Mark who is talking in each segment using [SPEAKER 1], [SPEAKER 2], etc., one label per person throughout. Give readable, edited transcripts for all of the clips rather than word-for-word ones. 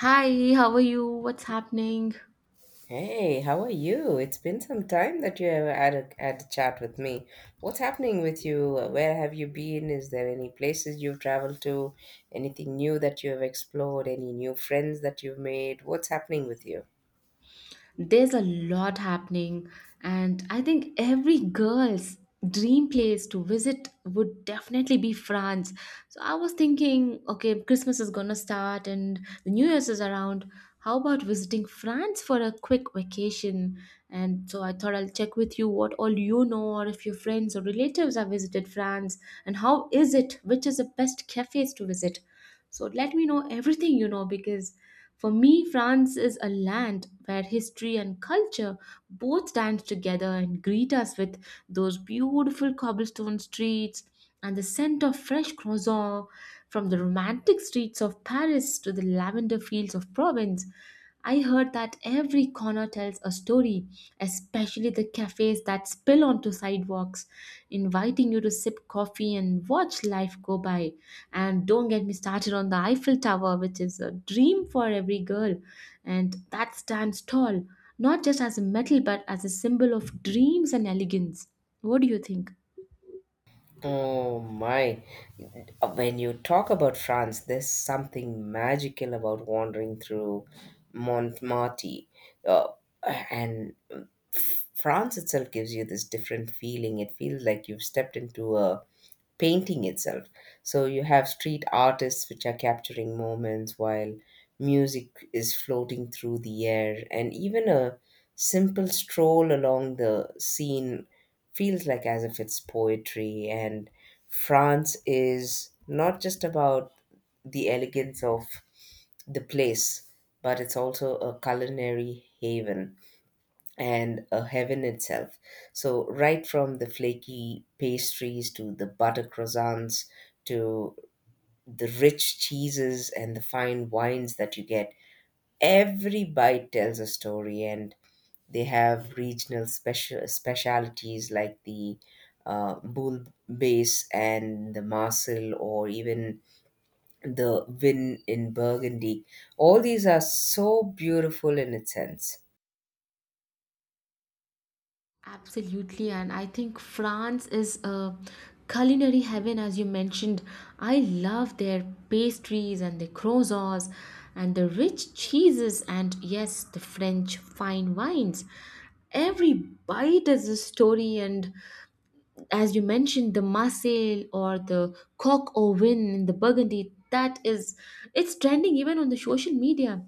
[SPEAKER 1] Hi, how are you? What's happening?
[SPEAKER 2] Hey, how are you? It's been some time that you have had a chat with me. What's happening with you? Where have you been? Is there any places you've traveled to? Anything new that you have explored? Any new friends that you've made? What's happening with you?
[SPEAKER 1] There's a lot happening, and I think every girl's dream place to visit would definitely be France. So I was thinking, okay, Christmas is gonna start and the New Year's is around. How about visiting France for a quick vacation? And so I thought I'll check with you what all you know, or if your friends or relatives have visited France, and how is it? Which is the best cafes to visit? So let me know everything you know because for me, France is a land where history and culture both dance together and greet us with those beautiful cobblestone streets and the scent of fresh croissant from the romantic streets of Paris to the lavender fields of Provence. I heard that every corner tells a story, especially the cafes that spill onto sidewalks, inviting you to sip coffee and watch life go by. And don't get me started on the Eiffel Tower, which is a dream for every girl, and that stands tall, not just as a metal but as a symbol of dreams and elegance. What do you think?
[SPEAKER 2] Oh my. When you talk about France, there's something magical about wandering through Montmartre. Uh, and France itself gives you this different feeling. It feels like you've stepped into a painting itself. So you have street artists which are capturing moments while music is floating through the air, and even a simple stroll along the Seine feels like as if it's poetry. And France is not just about the elegance of the place, but it's also a culinary haven and a heaven itself. So right from the flaky pastries to the butter croissants to the rich cheeses and the fine wines that you get, every bite tells a story. And they have regional special specialities like the Bull Base and the Marcel, or even the Vin in Burgundy. All these are so beautiful in its sense.
[SPEAKER 1] Absolutely, and I think France is a culinary heaven, as you mentioned. I love their pastries and their croissants and the rich cheeses, and yes, the French fine wines. Every bite is a story, and as you mentioned, the Marseille or the coq au vin in the Burgundy, that is, it's trending even on the social media.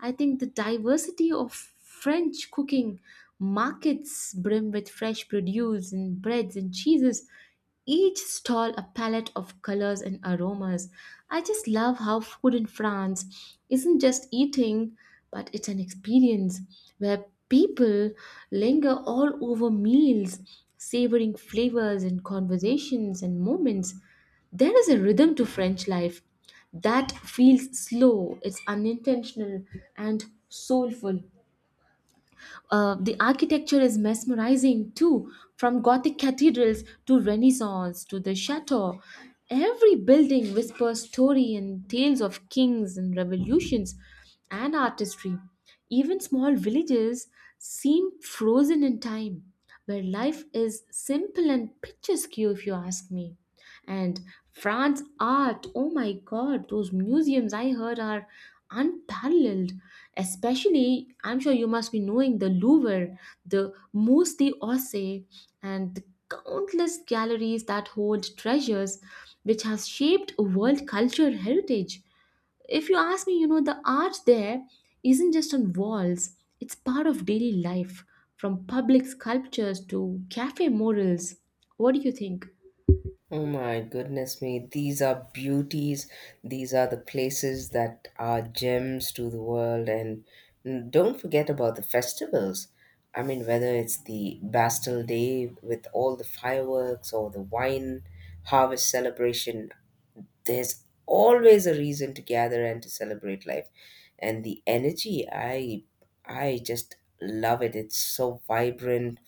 [SPEAKER 1] I think the diversity of French cooking, markets brim with fresh produce and breads and cheeses, each stall a palette of colors and aromas. I just love how food in France isn't just eating, but it's an experience where people linger all over meals, savoring flavors and conversations and moments. There is a rhythm to French life that feels slow, it's unintentional, and soulful. The architecture is mesmerizing too, from Gothic cathedrals to Renaissance to the chateau. Every building whispers story and tales of kings and revolutions and artistry. Even small villages seem frozen in time, where life is simple and picturesque, if you ask me. And France art, oh my god, those museums I heard are unparalleled. Especially, I'm sure you must be knowing the Louvre, the Musée d'Orsay, and the countless galleries that hold treasures which has shaped world culture heritage. If you ask me, the art there isn't just on walls, it's part of daily life, from public sculptures to cafe murals. What do you think?
[SPEAKER 2] Oh my goodness me, these are beauties. These are the places that are gems to the world. And don't forget about the festivals. I mean, whether it's the Bastille Day with all the fireworks or the wine harvest celebration, there's always a reason to gather and to celebrate life. And the energy, I just love it. It's so vibrant,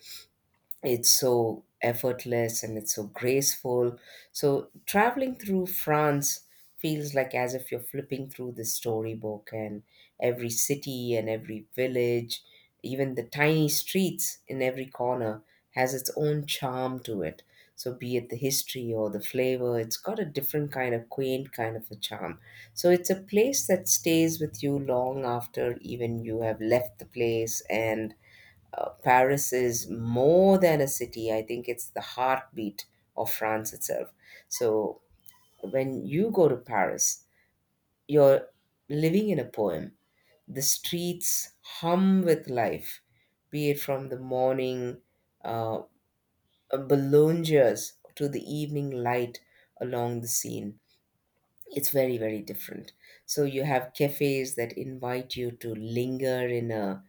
[SPEAKER 2] it's so effortless, and it's so graceful. So traveling through France feels like as if you're flipping through the storybook, and every city and every village, even the tiny streets in every corner, has its own charm to it. So be it the history or the flavor, it's got a different kind of quaint kind of a charm. So it's a place that stays with you long after even you have left the place. And Paris is more than a city. I think it's the heartbeat of France itself. So when you go to Paris, you're living in a poem. The streets hum with life, be it from the morning uh, bolognas to the evening light along the Seine. It's very, very different. So you have cafes that invite you to linger in a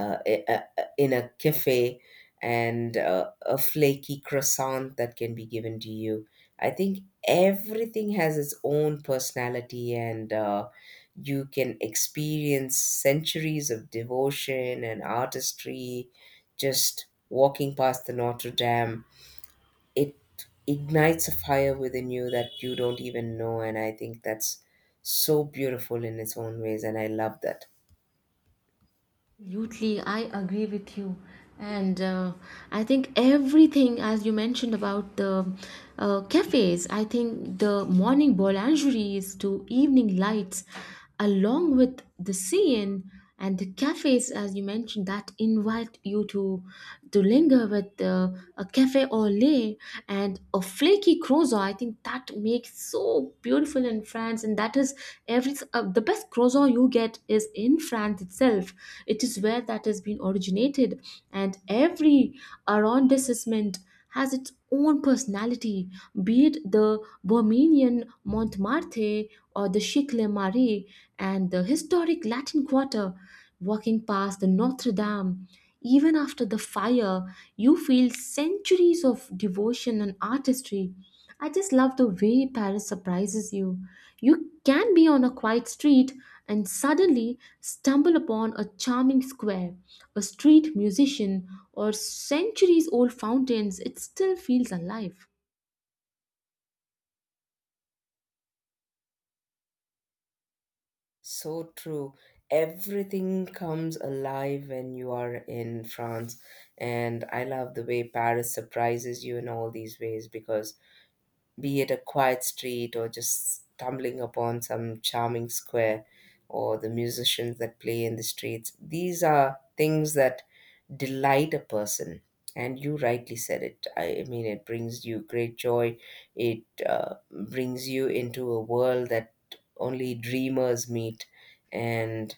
[SPEAKER 2] in a cafe, and a flaky croissant that can be given to you. I think everything has its own personality, and you can experience centuries of devotion and artistry just walking past the Notre Dame. It ignites a fire within you that you don't even know, and I think that's so beautiful in its own ways, and I love that.
[SPEAKER 1] Absolutely, I agree with you. And I think everything, as you mentioned about the cafes, I think the morning boulangeries to evening lights, along with the scene and the cafes, as you mentioned, that invite you to linger with a cafe au lait and a flaky croissant. I think that makes so beautiful in France, and that is, every the best croissant you get is in France itself. It is where that has been originated, and every arrondissement has its own personality, be it the Bohemian Montmartre or the Chic-Le Marais and the historic Latin Quarter, walking past the Notre Dame. Even after the fire, you feel centuries of devotion and artistry. I just love the way Paris surprises you. You can be on a quiet street and suddenly stumble upon a charming square, a street musician, or centuries old fountains. It still feels alive.
[SPEAKER 2] So true, everything comes alive when you are in France. And I love the way Paris surprises you in all these ways, because be it a quiet street or just stumbling upon some charming square, or the musicians that play in the streets. These are things that delight a person. And you rightly said it. I mean, it brings you great joy. It brings you into a world that only dreamers meet. And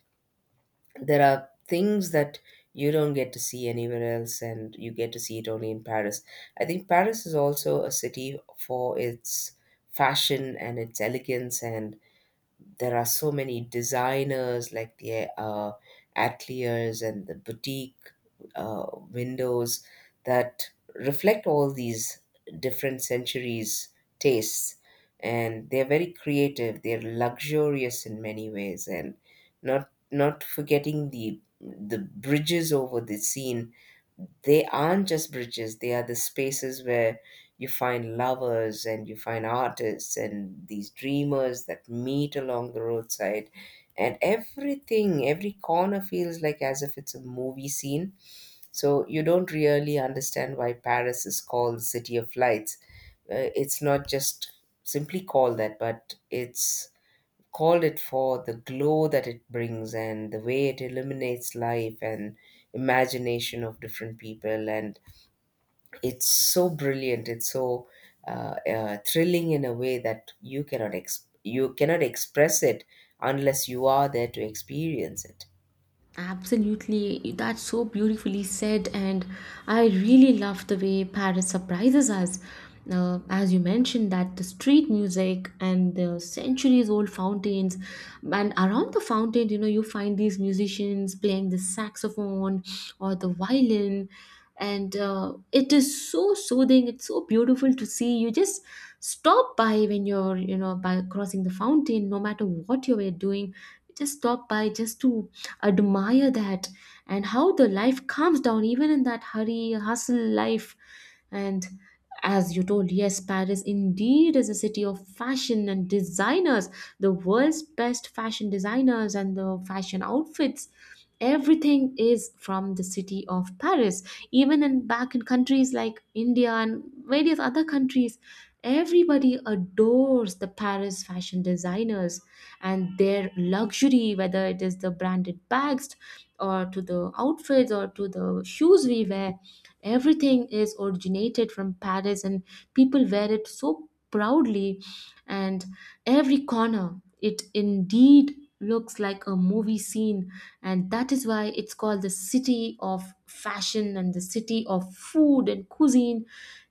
[SPEAKER 2] there are things that you don't get to see anywhere else, and you get to see it only in Paris. I think Paris is also a city for its fashion and its elegance. And there are so many designers like the ateliers and the boutique windows that reflect all these different centuries' tastes, and they're very creative, they're luxurious in many ways. And not forgetting the bridges over the scene, they aren't just bridges, they are the spaces where you find lovers and you find artists and these dreamers that meet along the roadside. And everything, every corner feels like as if it's a movie scene. So you don't really understand why Paris is called the city of lights. It's not just simply called that, but it's called it for the glow that it brings and the way it illuminates life and imagination of different people. And it's so brilliant, it's so thrilling in a way that you cannot you cannot express it unless you are there to experience it.
[SPEAKER 1] Absolutely, that's so beautifully said, and I really love the way Paris surprises us. As you mentioned, that the street music and the centuries-old fountains, and around the fountain, you find these musicians playing the saxophone or the violin, and it is so soothing. It's so beautiful to see. You just stop by when you're, by crossing the fountain, no matter what you were doing, just stop by just to admire that, and how the life calms down even in that hurry hustle life. And as you told, yes, Paris indeed is a city of fashion and designers. The world's best fashion designers and the fashion outfits, everything is from the city of Paris. Even in back in countries like India and various other countries, everybody adores the Paris fashion designers and their luxury, whether it is the branded bags or to the outfits or to the shoes we wear, everything is originated from Paris. And people wear it so proudly, and every corner, it indeed looks like a movie scene, and that is why it's called the city of fashion and the city of food and cuisine.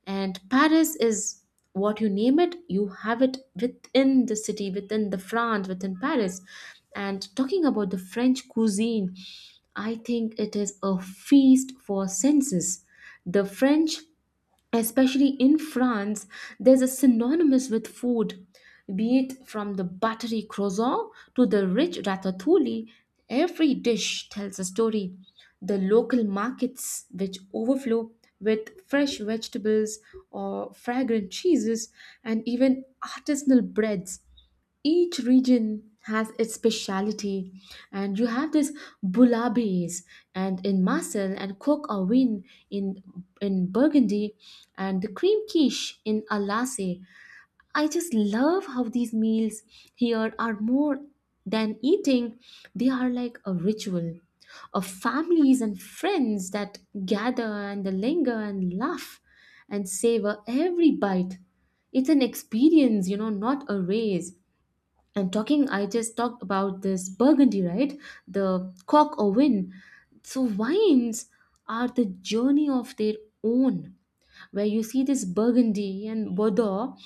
[SPEAKER 1] And Paris is, what you name it, you have it within the city, within the France, within Paris. And talking about the French cuisine, I think it is a feast for senses. The French, especially in France, there's a synonymous with food, be it from the buttery croissant to the rich ratatouille. Every dish tells a story. The local markets, which overflow with fresh vegetables or fragrant cheeses, and even artisanal breads, each region has its speciality, and you have this boulabais and in Marseille and coq au vin in in Burgundy and the cream quiche in Alsace. I just love how these meals here are more than eating, they are like a ritual of families and friends that gather and linger and laugh and savor every bite. It's an experience, not a race. And talking, I just talked about this Burgundy, right, the cork or win, so wines are the journey of their own, where you see this Burgundy and Bordeaux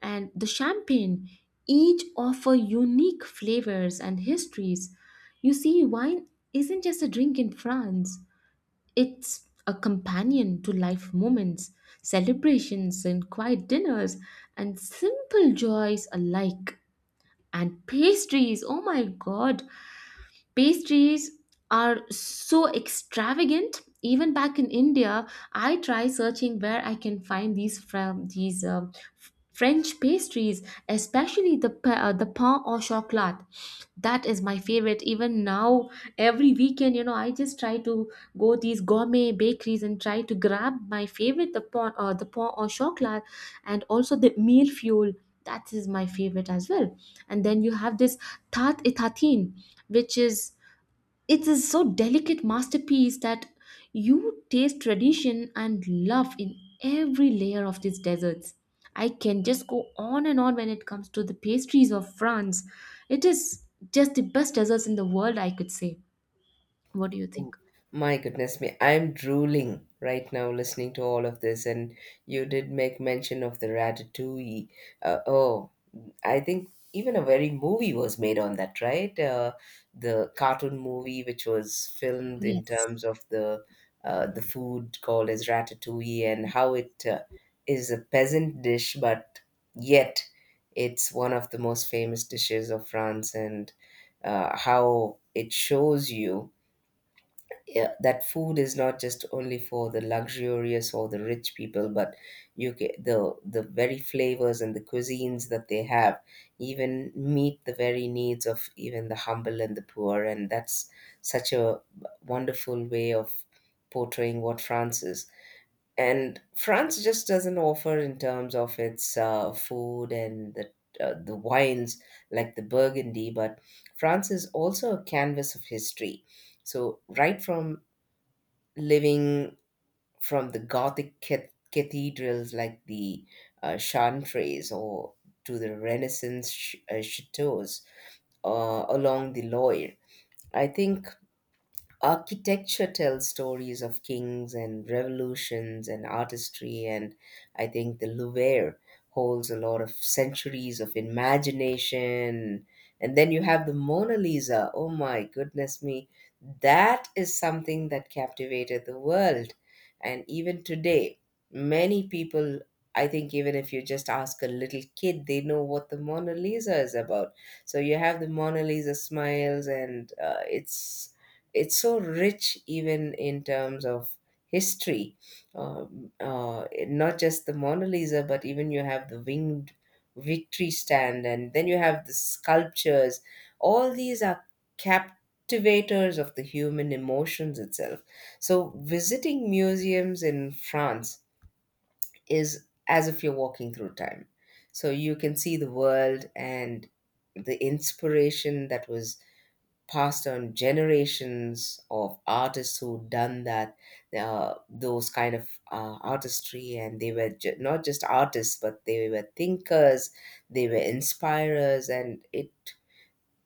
[SPEAKER 1] and the champagne, each offer unique flavors and histories. You see, wine isn't just a drink in France, it's a companion to life moments, celebrations and quiet dinners and simple joys alike. And pastries, oh my god, pastries are so extravagant. Even back in India, I try searching where I can find these, from these f- French pastries, especially the pain au chocolat, that is my favorite. Even now, every weekend, I just try to go these gourmet bakeries and try to grab my favorite, the pain au chocolat, and also the meal fuel, that is my favorite as well. And then you have this tat e, which is, it is so delicate masterpiece that you taste tradition and love in every layer of these desserts. I can just go on and on when it comes to the pastries of France. It is just the best desserts in the world, I could say. What do you
[SPEAKER 2] Oh,
[SPEAKER 1] think?
[SPEAKER 2] my goodness me, I'm drooling right now listening to all of this. And you did make mention of the ratatouille. Oh, I think even a very movie was made on that, right? The cartoon movie, which was filmed in
[SPEAKER 1] Yes.
[SPEAKER 2] terms of the food called as ratatouille, and how it is a peasant dish, but yet it's one of the most famous dishes of France. And how it shows you, yeah, that food is not just only for the luxurious or the rich people, but you get the very flavors and the cuisines that they have even meet the very needs of even the humble and the poor. And that's such a wonderful way of portraying what France is. And France just doesn't offer in terms of its food and the wines like the Burgundy, but France is also a canvas of history. So, right from living, from the Gothic cathedrals like the Chantres, or to the Renaissance chateaus along the Loire. I think architecture tells stories of kings and revolutions and artistry. And I think the Louvre holds a lot of centuries of imagination. And then you have the Mona Lisa, oh my goodness me, that is something that captivated the world. And even today many people, I think even if you just ask a little kid, they know what the Mona Lisa is about. So you have the Mona Lisa smiles, and it's so rich even in terms of history. Not just the Mona Lisa, but even you have the winged victory stand, and then you have the sculptures. All these are captivators of the human emotions itself. So visiting museums in France is as if you're walking through time. So you can see the world and the inspiration that was passed on generations of artists who'd done that, those kind of artistry. And they were not just artists, but they were thinkers, they were inspirers. And it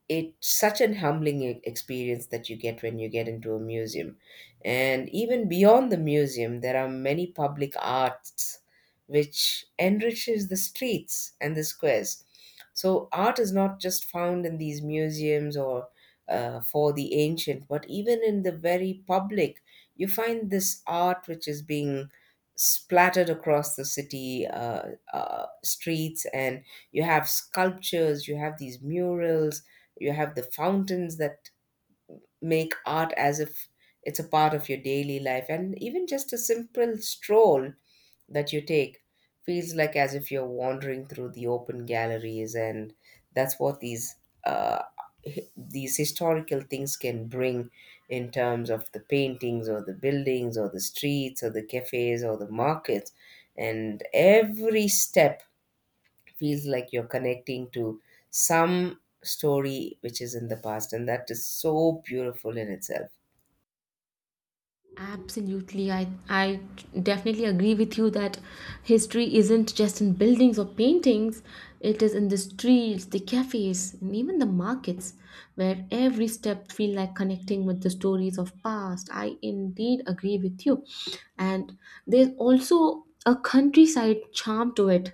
[SPEAKER 2] it's such an humbling experience that you get when you get into a museum. And even beyond the museum, there are many public arts which enriches the streets and the squares. So art is not just found in these museums or for the ancient, but even in the very public, you find this art which is being splattered across the city streets. And you have sculptures, you have these murals, you have the fountains that make art as if it's a part of your daily life. And even just a simple stroll that you take feels like as if you're wandering through the open galleries. And that's what these uh, these historical things can bring in terms of the paintings or the buildings or the streets or the cafes or the markets. And every step feels like you're connecting to some story which is in the past, and that is so beautiful in itself.
[SPEAKER 1] Absolutely. I definitely agree with you that history isn't just in buildings or paintings, it is in the streets, the cafes, and even the markets, where every step feel like connecting with the stories of past. I indeed agree with you. And there's also a countryside charm to it,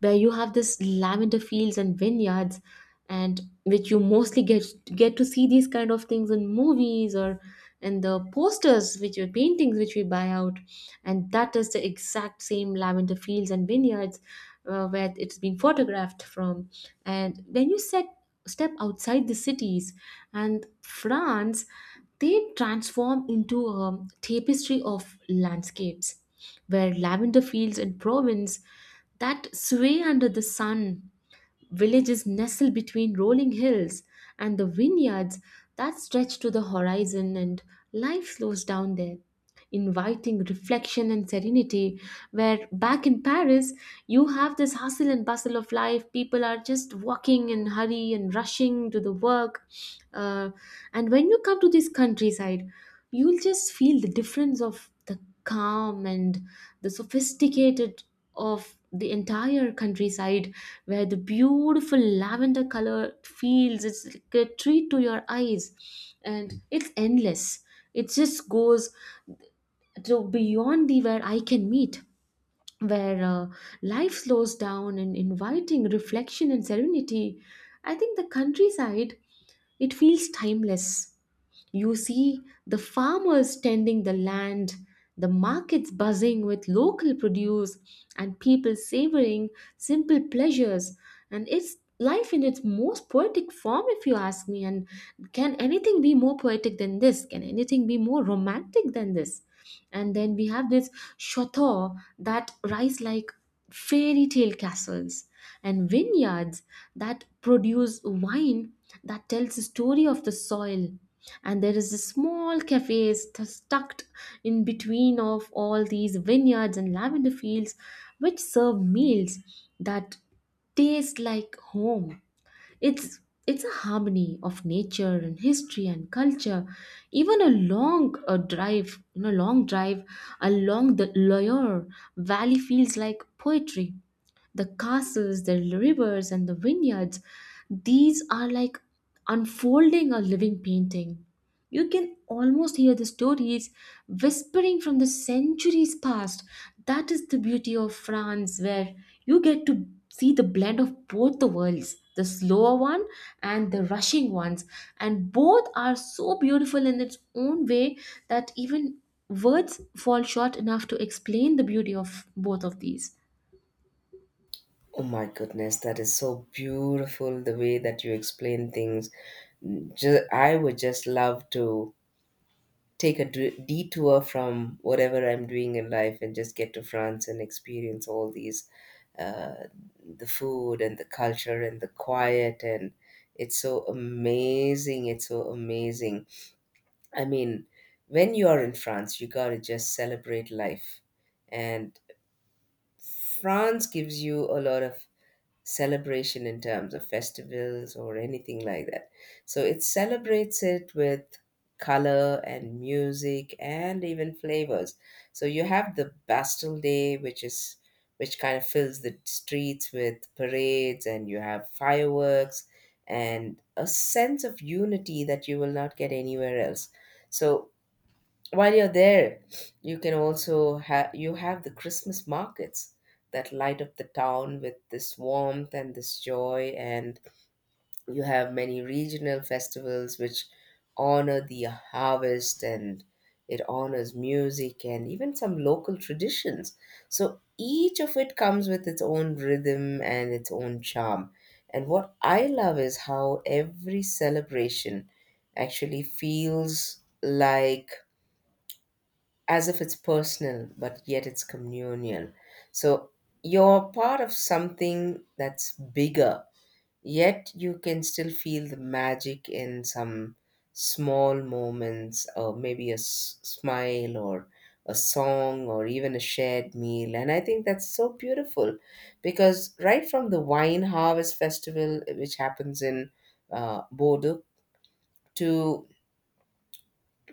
[SPEAKER 1] where you have this lavender fields and vineyards, and which you mostly get to see these kind of things in movies or in the posters, which are paintings which we buy out, and that is the exact same lavender fields and vineyards where it's been photographed from. And when you set step outside the cities, and France, they transform into a tapestry of landscapes, where lavender fields in Provence that sway under the sun, villages nestle between rolling hills, and the vineyards that stretch to the horizon, and life slows down there, inviting reflection and serenity. Where back in Paris, you have this hustle and bustle of life, people are just walking and hurry and rushing to the work. Uh, and when you come to this countryside, you'll just feel the difference of the calm and the sophisticated of the entire countryside, where the beautiful lavender colored fields, it's like a treat to your eyes, and it's endless, it just goes to beyond the where I can meet, where life slows down and inviting reflection and serenity. I think the countryside, it feels timeless. You see the farmers tending the land, the markets buzzing with local produce, and people savoring simple pleasures. And it's life in its most poetic form, if you ask me. And can anything be more poetic than this? Can anything be more romantic than this? And then we have this chateau that rise like fairy tale castles, and vineyards that produce wine that tells the story of the soil, and there is a small cafe tucked in between of all these vineyards and lavender fields, which serve meals that taste like home. It's it's a harmony of nature and history and culture. Even a long drive along the Loire Valley feels like poetry. The castles, the rivers, and the vineyards, these are like unfolding a living painting. You can almost hear the stories whispering from the centuries past. That is the beauty of France, where you get to see the blend of both the worlds, the slower one and the rushing ones. And both are so beautiful in its own way that even words fall short enough to explain the beauty of both of these.
[SPEAKER 2] Oh my goodness, that is so beautiful the way that you explain things. I would just love to take a detour from whatever I'm doing in life and just get to France and experience all these, uh, the food and the culture and the quiet. And it's so amazing, it's so amazing. I mean, when you are in France, you gotta just celebrate life. And France gives you a lot of celebration in terms of festivals or anything like that. So it celebrates it with color and music and even flavors. So you have the Bastille Day, which is which kind of fills the streets with parades, and you have fireworks and a sense of unity that you will not get anywhere else. So while you're there, you can also have you have the Christmas markets that light up the town with this warmth and this joy. And you have many regional festivals which honor the harvest, and it honors music and even some local traditions. So each of it comes with its own rhythm and its own charm. And what I love is how every celebration actually feels like as if it's personal, but yet it's communal. So you're part of something that's bigger, yet you can still feel the magic in some small moments, or maybe a smile, or a song, or even a shared meal. And I think that's so beautiful, because right from the wine harvest festival, which happens in Bodo, to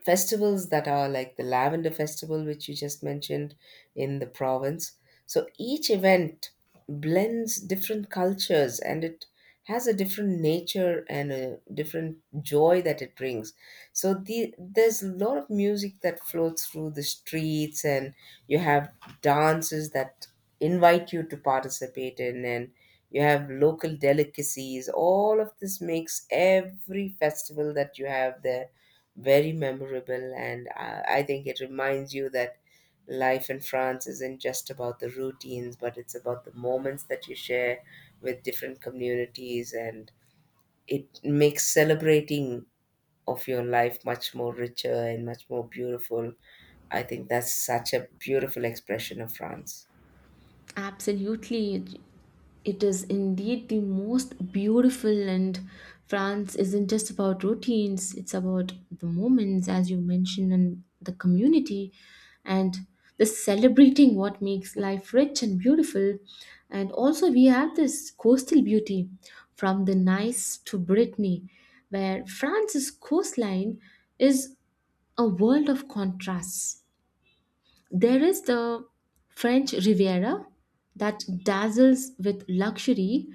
[SPEAKER 2] festivals that are like the Lavender Festival, which you just mentioned in the province. So each event blends different cultures, and it has a different nature and a different joy that it brings. So there's a lot of music that floats through the streets, and you have dances that invite you to participate in, and you have local delicacies. All of this makes every festival that you have there very memorable. And I think it reminds you that life in France isn't just about the routines, but it's about the moments that you share with different communities. And it makes celebrating of your life much more richer and much more beautiful. I think that's such a beautiful expression of France.
[SPEAKER 1] Absolutely. It is indeed the most beautiful, and France isn't just about routines, it's about the moments, as you mentioned, and the community and the celebrating what makes life rich and beautiful. And also, we have this coastal beauty from the Nice to Brittany, where France's coastline is a world of contrasts. There is the French Riviera that dazzles with luxury,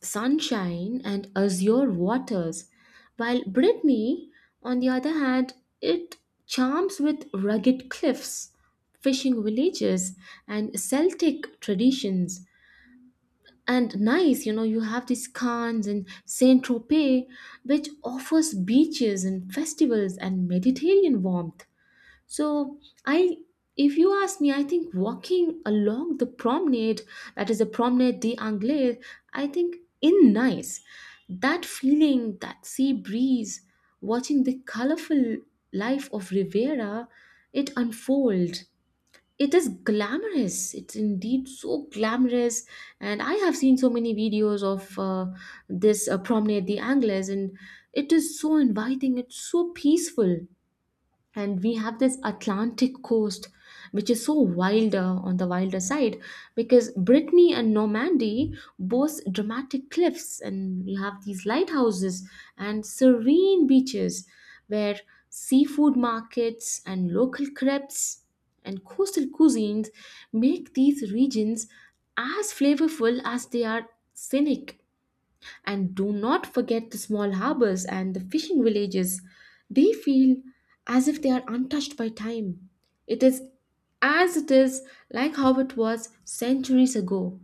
[SPEAKER 1] sunshine, and azure waters, while Brittany, on the other hand, it charms with rugged cliffs, fishing villages, and Celtic traditions. And Nice, you know, you have these Cannes and Saint Tropez, which offers beaches and festivals and Mediterranean warmth. So I if you ask me, I think walking along the promenade, that is the Promenade des Anglais, I think in Nice. That feeling, that sea breeze, watching the colorful life of Rivera, it unfold. It is glamorous. It's indeed so glamorous. And I have seen so many videos of this Promenade des Anglais, and it is so inviting. It's so peaceful, and we have this Atlantic coast which is so wilder on the wilder side, because Brittany and Normandy boast dramatic cliffs, and we have these lighthouses and serene beaches where seafood markets and local crepes and coastal cuisines make these regions as flavorful as they are scenic. And do not forget the small harbors and the fishing villages. They feel as if they are untouched by time. It is as it is, like how it was centuries ago.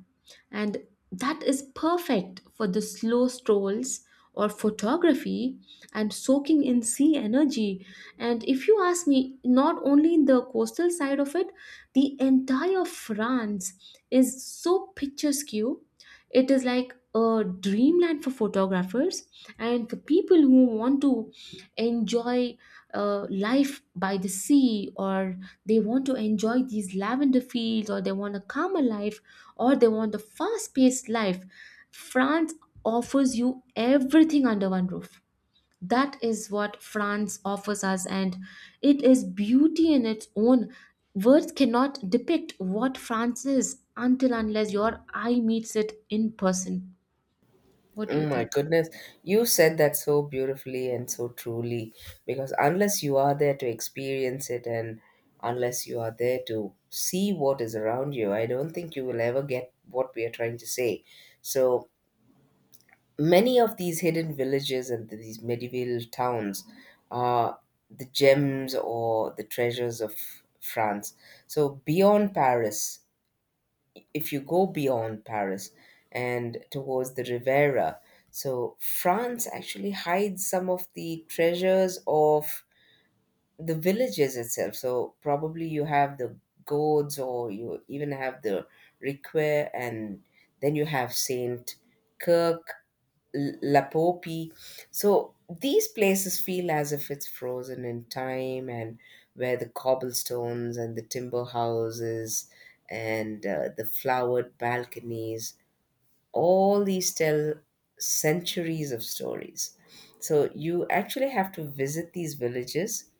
[SPEAKER 1] And that is perfect for the slow strolls or photography and soaking in sea energy. And if you ask me, not only in the coastal side of it, the entire France is so picturesque. It is like a dreamland for photographers and for people who want to enjoy life by the sea, or they want to enjoy these lavender fields, or they want a calmer life, or they want a fast paced life. France offers you everything under one roof. That is what France offers us, and it is beauty in its own. Words cannot depict what France is until unless your eye meets it in person. What do you
[SPEAKER 2] Oh my
[SPEAKER 1] think?
[SPEAKER 2] goodness, you said that so beautifully and so truly, because unless you are there to experience it and unless you are there to see what is around you, I don't think you will ever get what we are trying to say. So many of these hidden villages and these medieval towns are the gems or the treasures of France. So beyond Paris, if you go beyond Paris and towards the Riviera, so France actually hides some of the treasures of the villages itself. So probably you have the gourds, or you even have the Riquet, and then you have Saint Kirk, Lapopi. So these places feel as if it's frozen in time, and where the cobblestones and the timber houses and the flowered balconies, all these tell centuries of stories. So you actually have to visit these villages,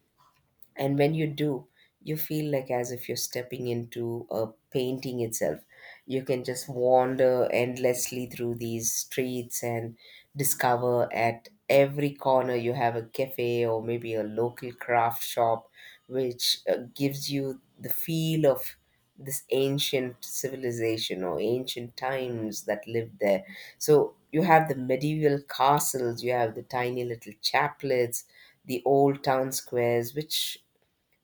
[SPEAKER 2] and when you do, you feel like as if you're stepping into a painting itself. You can just wander endlessly through these streets and discover at every corner you have a cafe or maybe a local craft shop, which gives you the feel of this ancient civilization or ancient times that lived there. So you have the medieval castles, you have the tiny little chaplets, the old town squares, which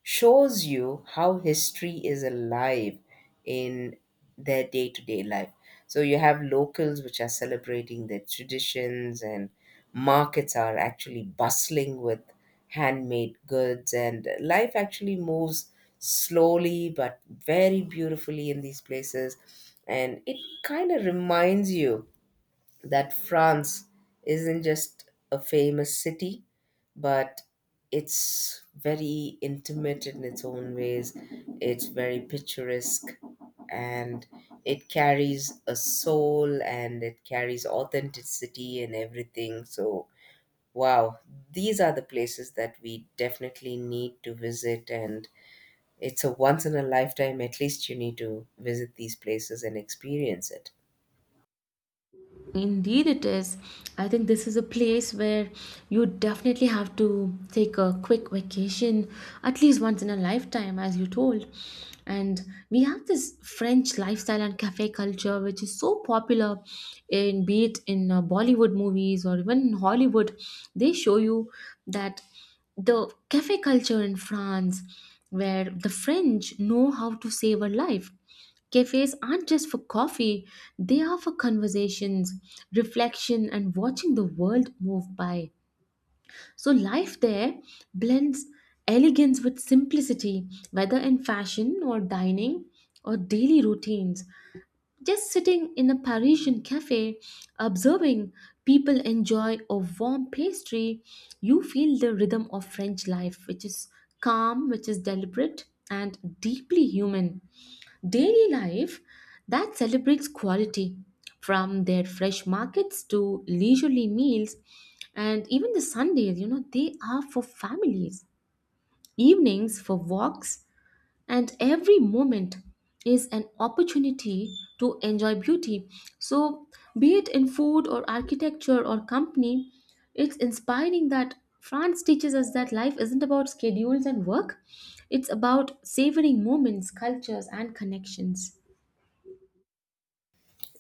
[SPEAKER 2] shows you how history is alive in their day to day life. So you have locals which are celebrating their traditions, and markets are actually bustling with handmade goods, and life actually moves slowly but very beautifully in these places. And it kind of reminds you that France isn't just a famous city, but it's very intimate in its own ways. It's very picturesque, and it carries a soul and it carries authenticity and everything. So, wow, these are the places that we definitely need to visit. And it's a once in a lifetime, at least you need to visit these places and experience it.
[SPEAKER 1] Indeed, it is. I think this is a place where you definitely have to take a quick vacation at least once in a lifetime, as you told. And we have this French lifestyle and cafe culture, which is so popular, in be it in Bollywood movies or even in Hollywood. They show you that the cafe culture in France, where the French know how to save a life. Cafes aren't just for coffee, they are for conversations, reflection, and watching the world move by. So, life there blends elegance with simplicity, whether in fashion or dining or daily routines. Just sitting in a Parisian cafe, observing people enjoy a warm pastry, you feel the rhythm of French life, which is calm, which is deliberate, and deeply human. Daily life that celebrates quality, from their fresh markets to leisurely meals, and even the Sundays, you know, they are for families, evenings for walks, and every moment is an opportunity to enjoy beauty. So, be it in food or architecture or company, it's inspiring that France teaches us that life isn't about schedules and work, it's about savoring moments, cultures, and connections.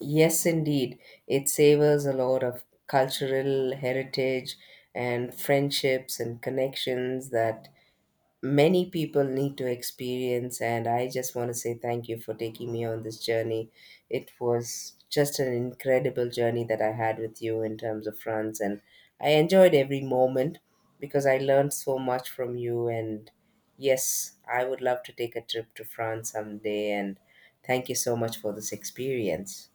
[SPEAKER 2] Yes, indeed. It savors a lot of cultural heritage and friendships and connections that many people need to experience. And I just want to say thank you for taking me on this journey. It was just an incredible journey that I had with you in terms of France. And I enjoyed every moment because I learned so much from you. And yes, I would love to take a trip to France someday. And thank you so much for this experience.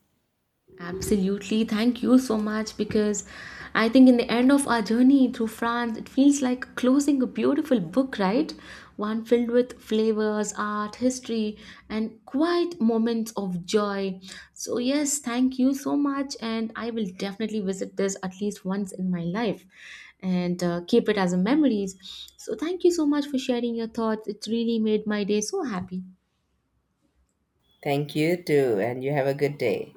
[SPEAKER 1] Absolutely. Thank you so much, because I think in the end of our journey through France, it feels like closing a beautiful book, right? One filled with flavors, art, history, and quiet moments of joy. So, yes, thank you so much. And I will definitely visit this at least once in my life and keep it as a memories. So, thank you so much for sharing your thoughts. It really made my day so happy.
[SPEAKER 2] Thank you too, and you have a good day.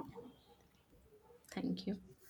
[SPEAKER 1] Thank you.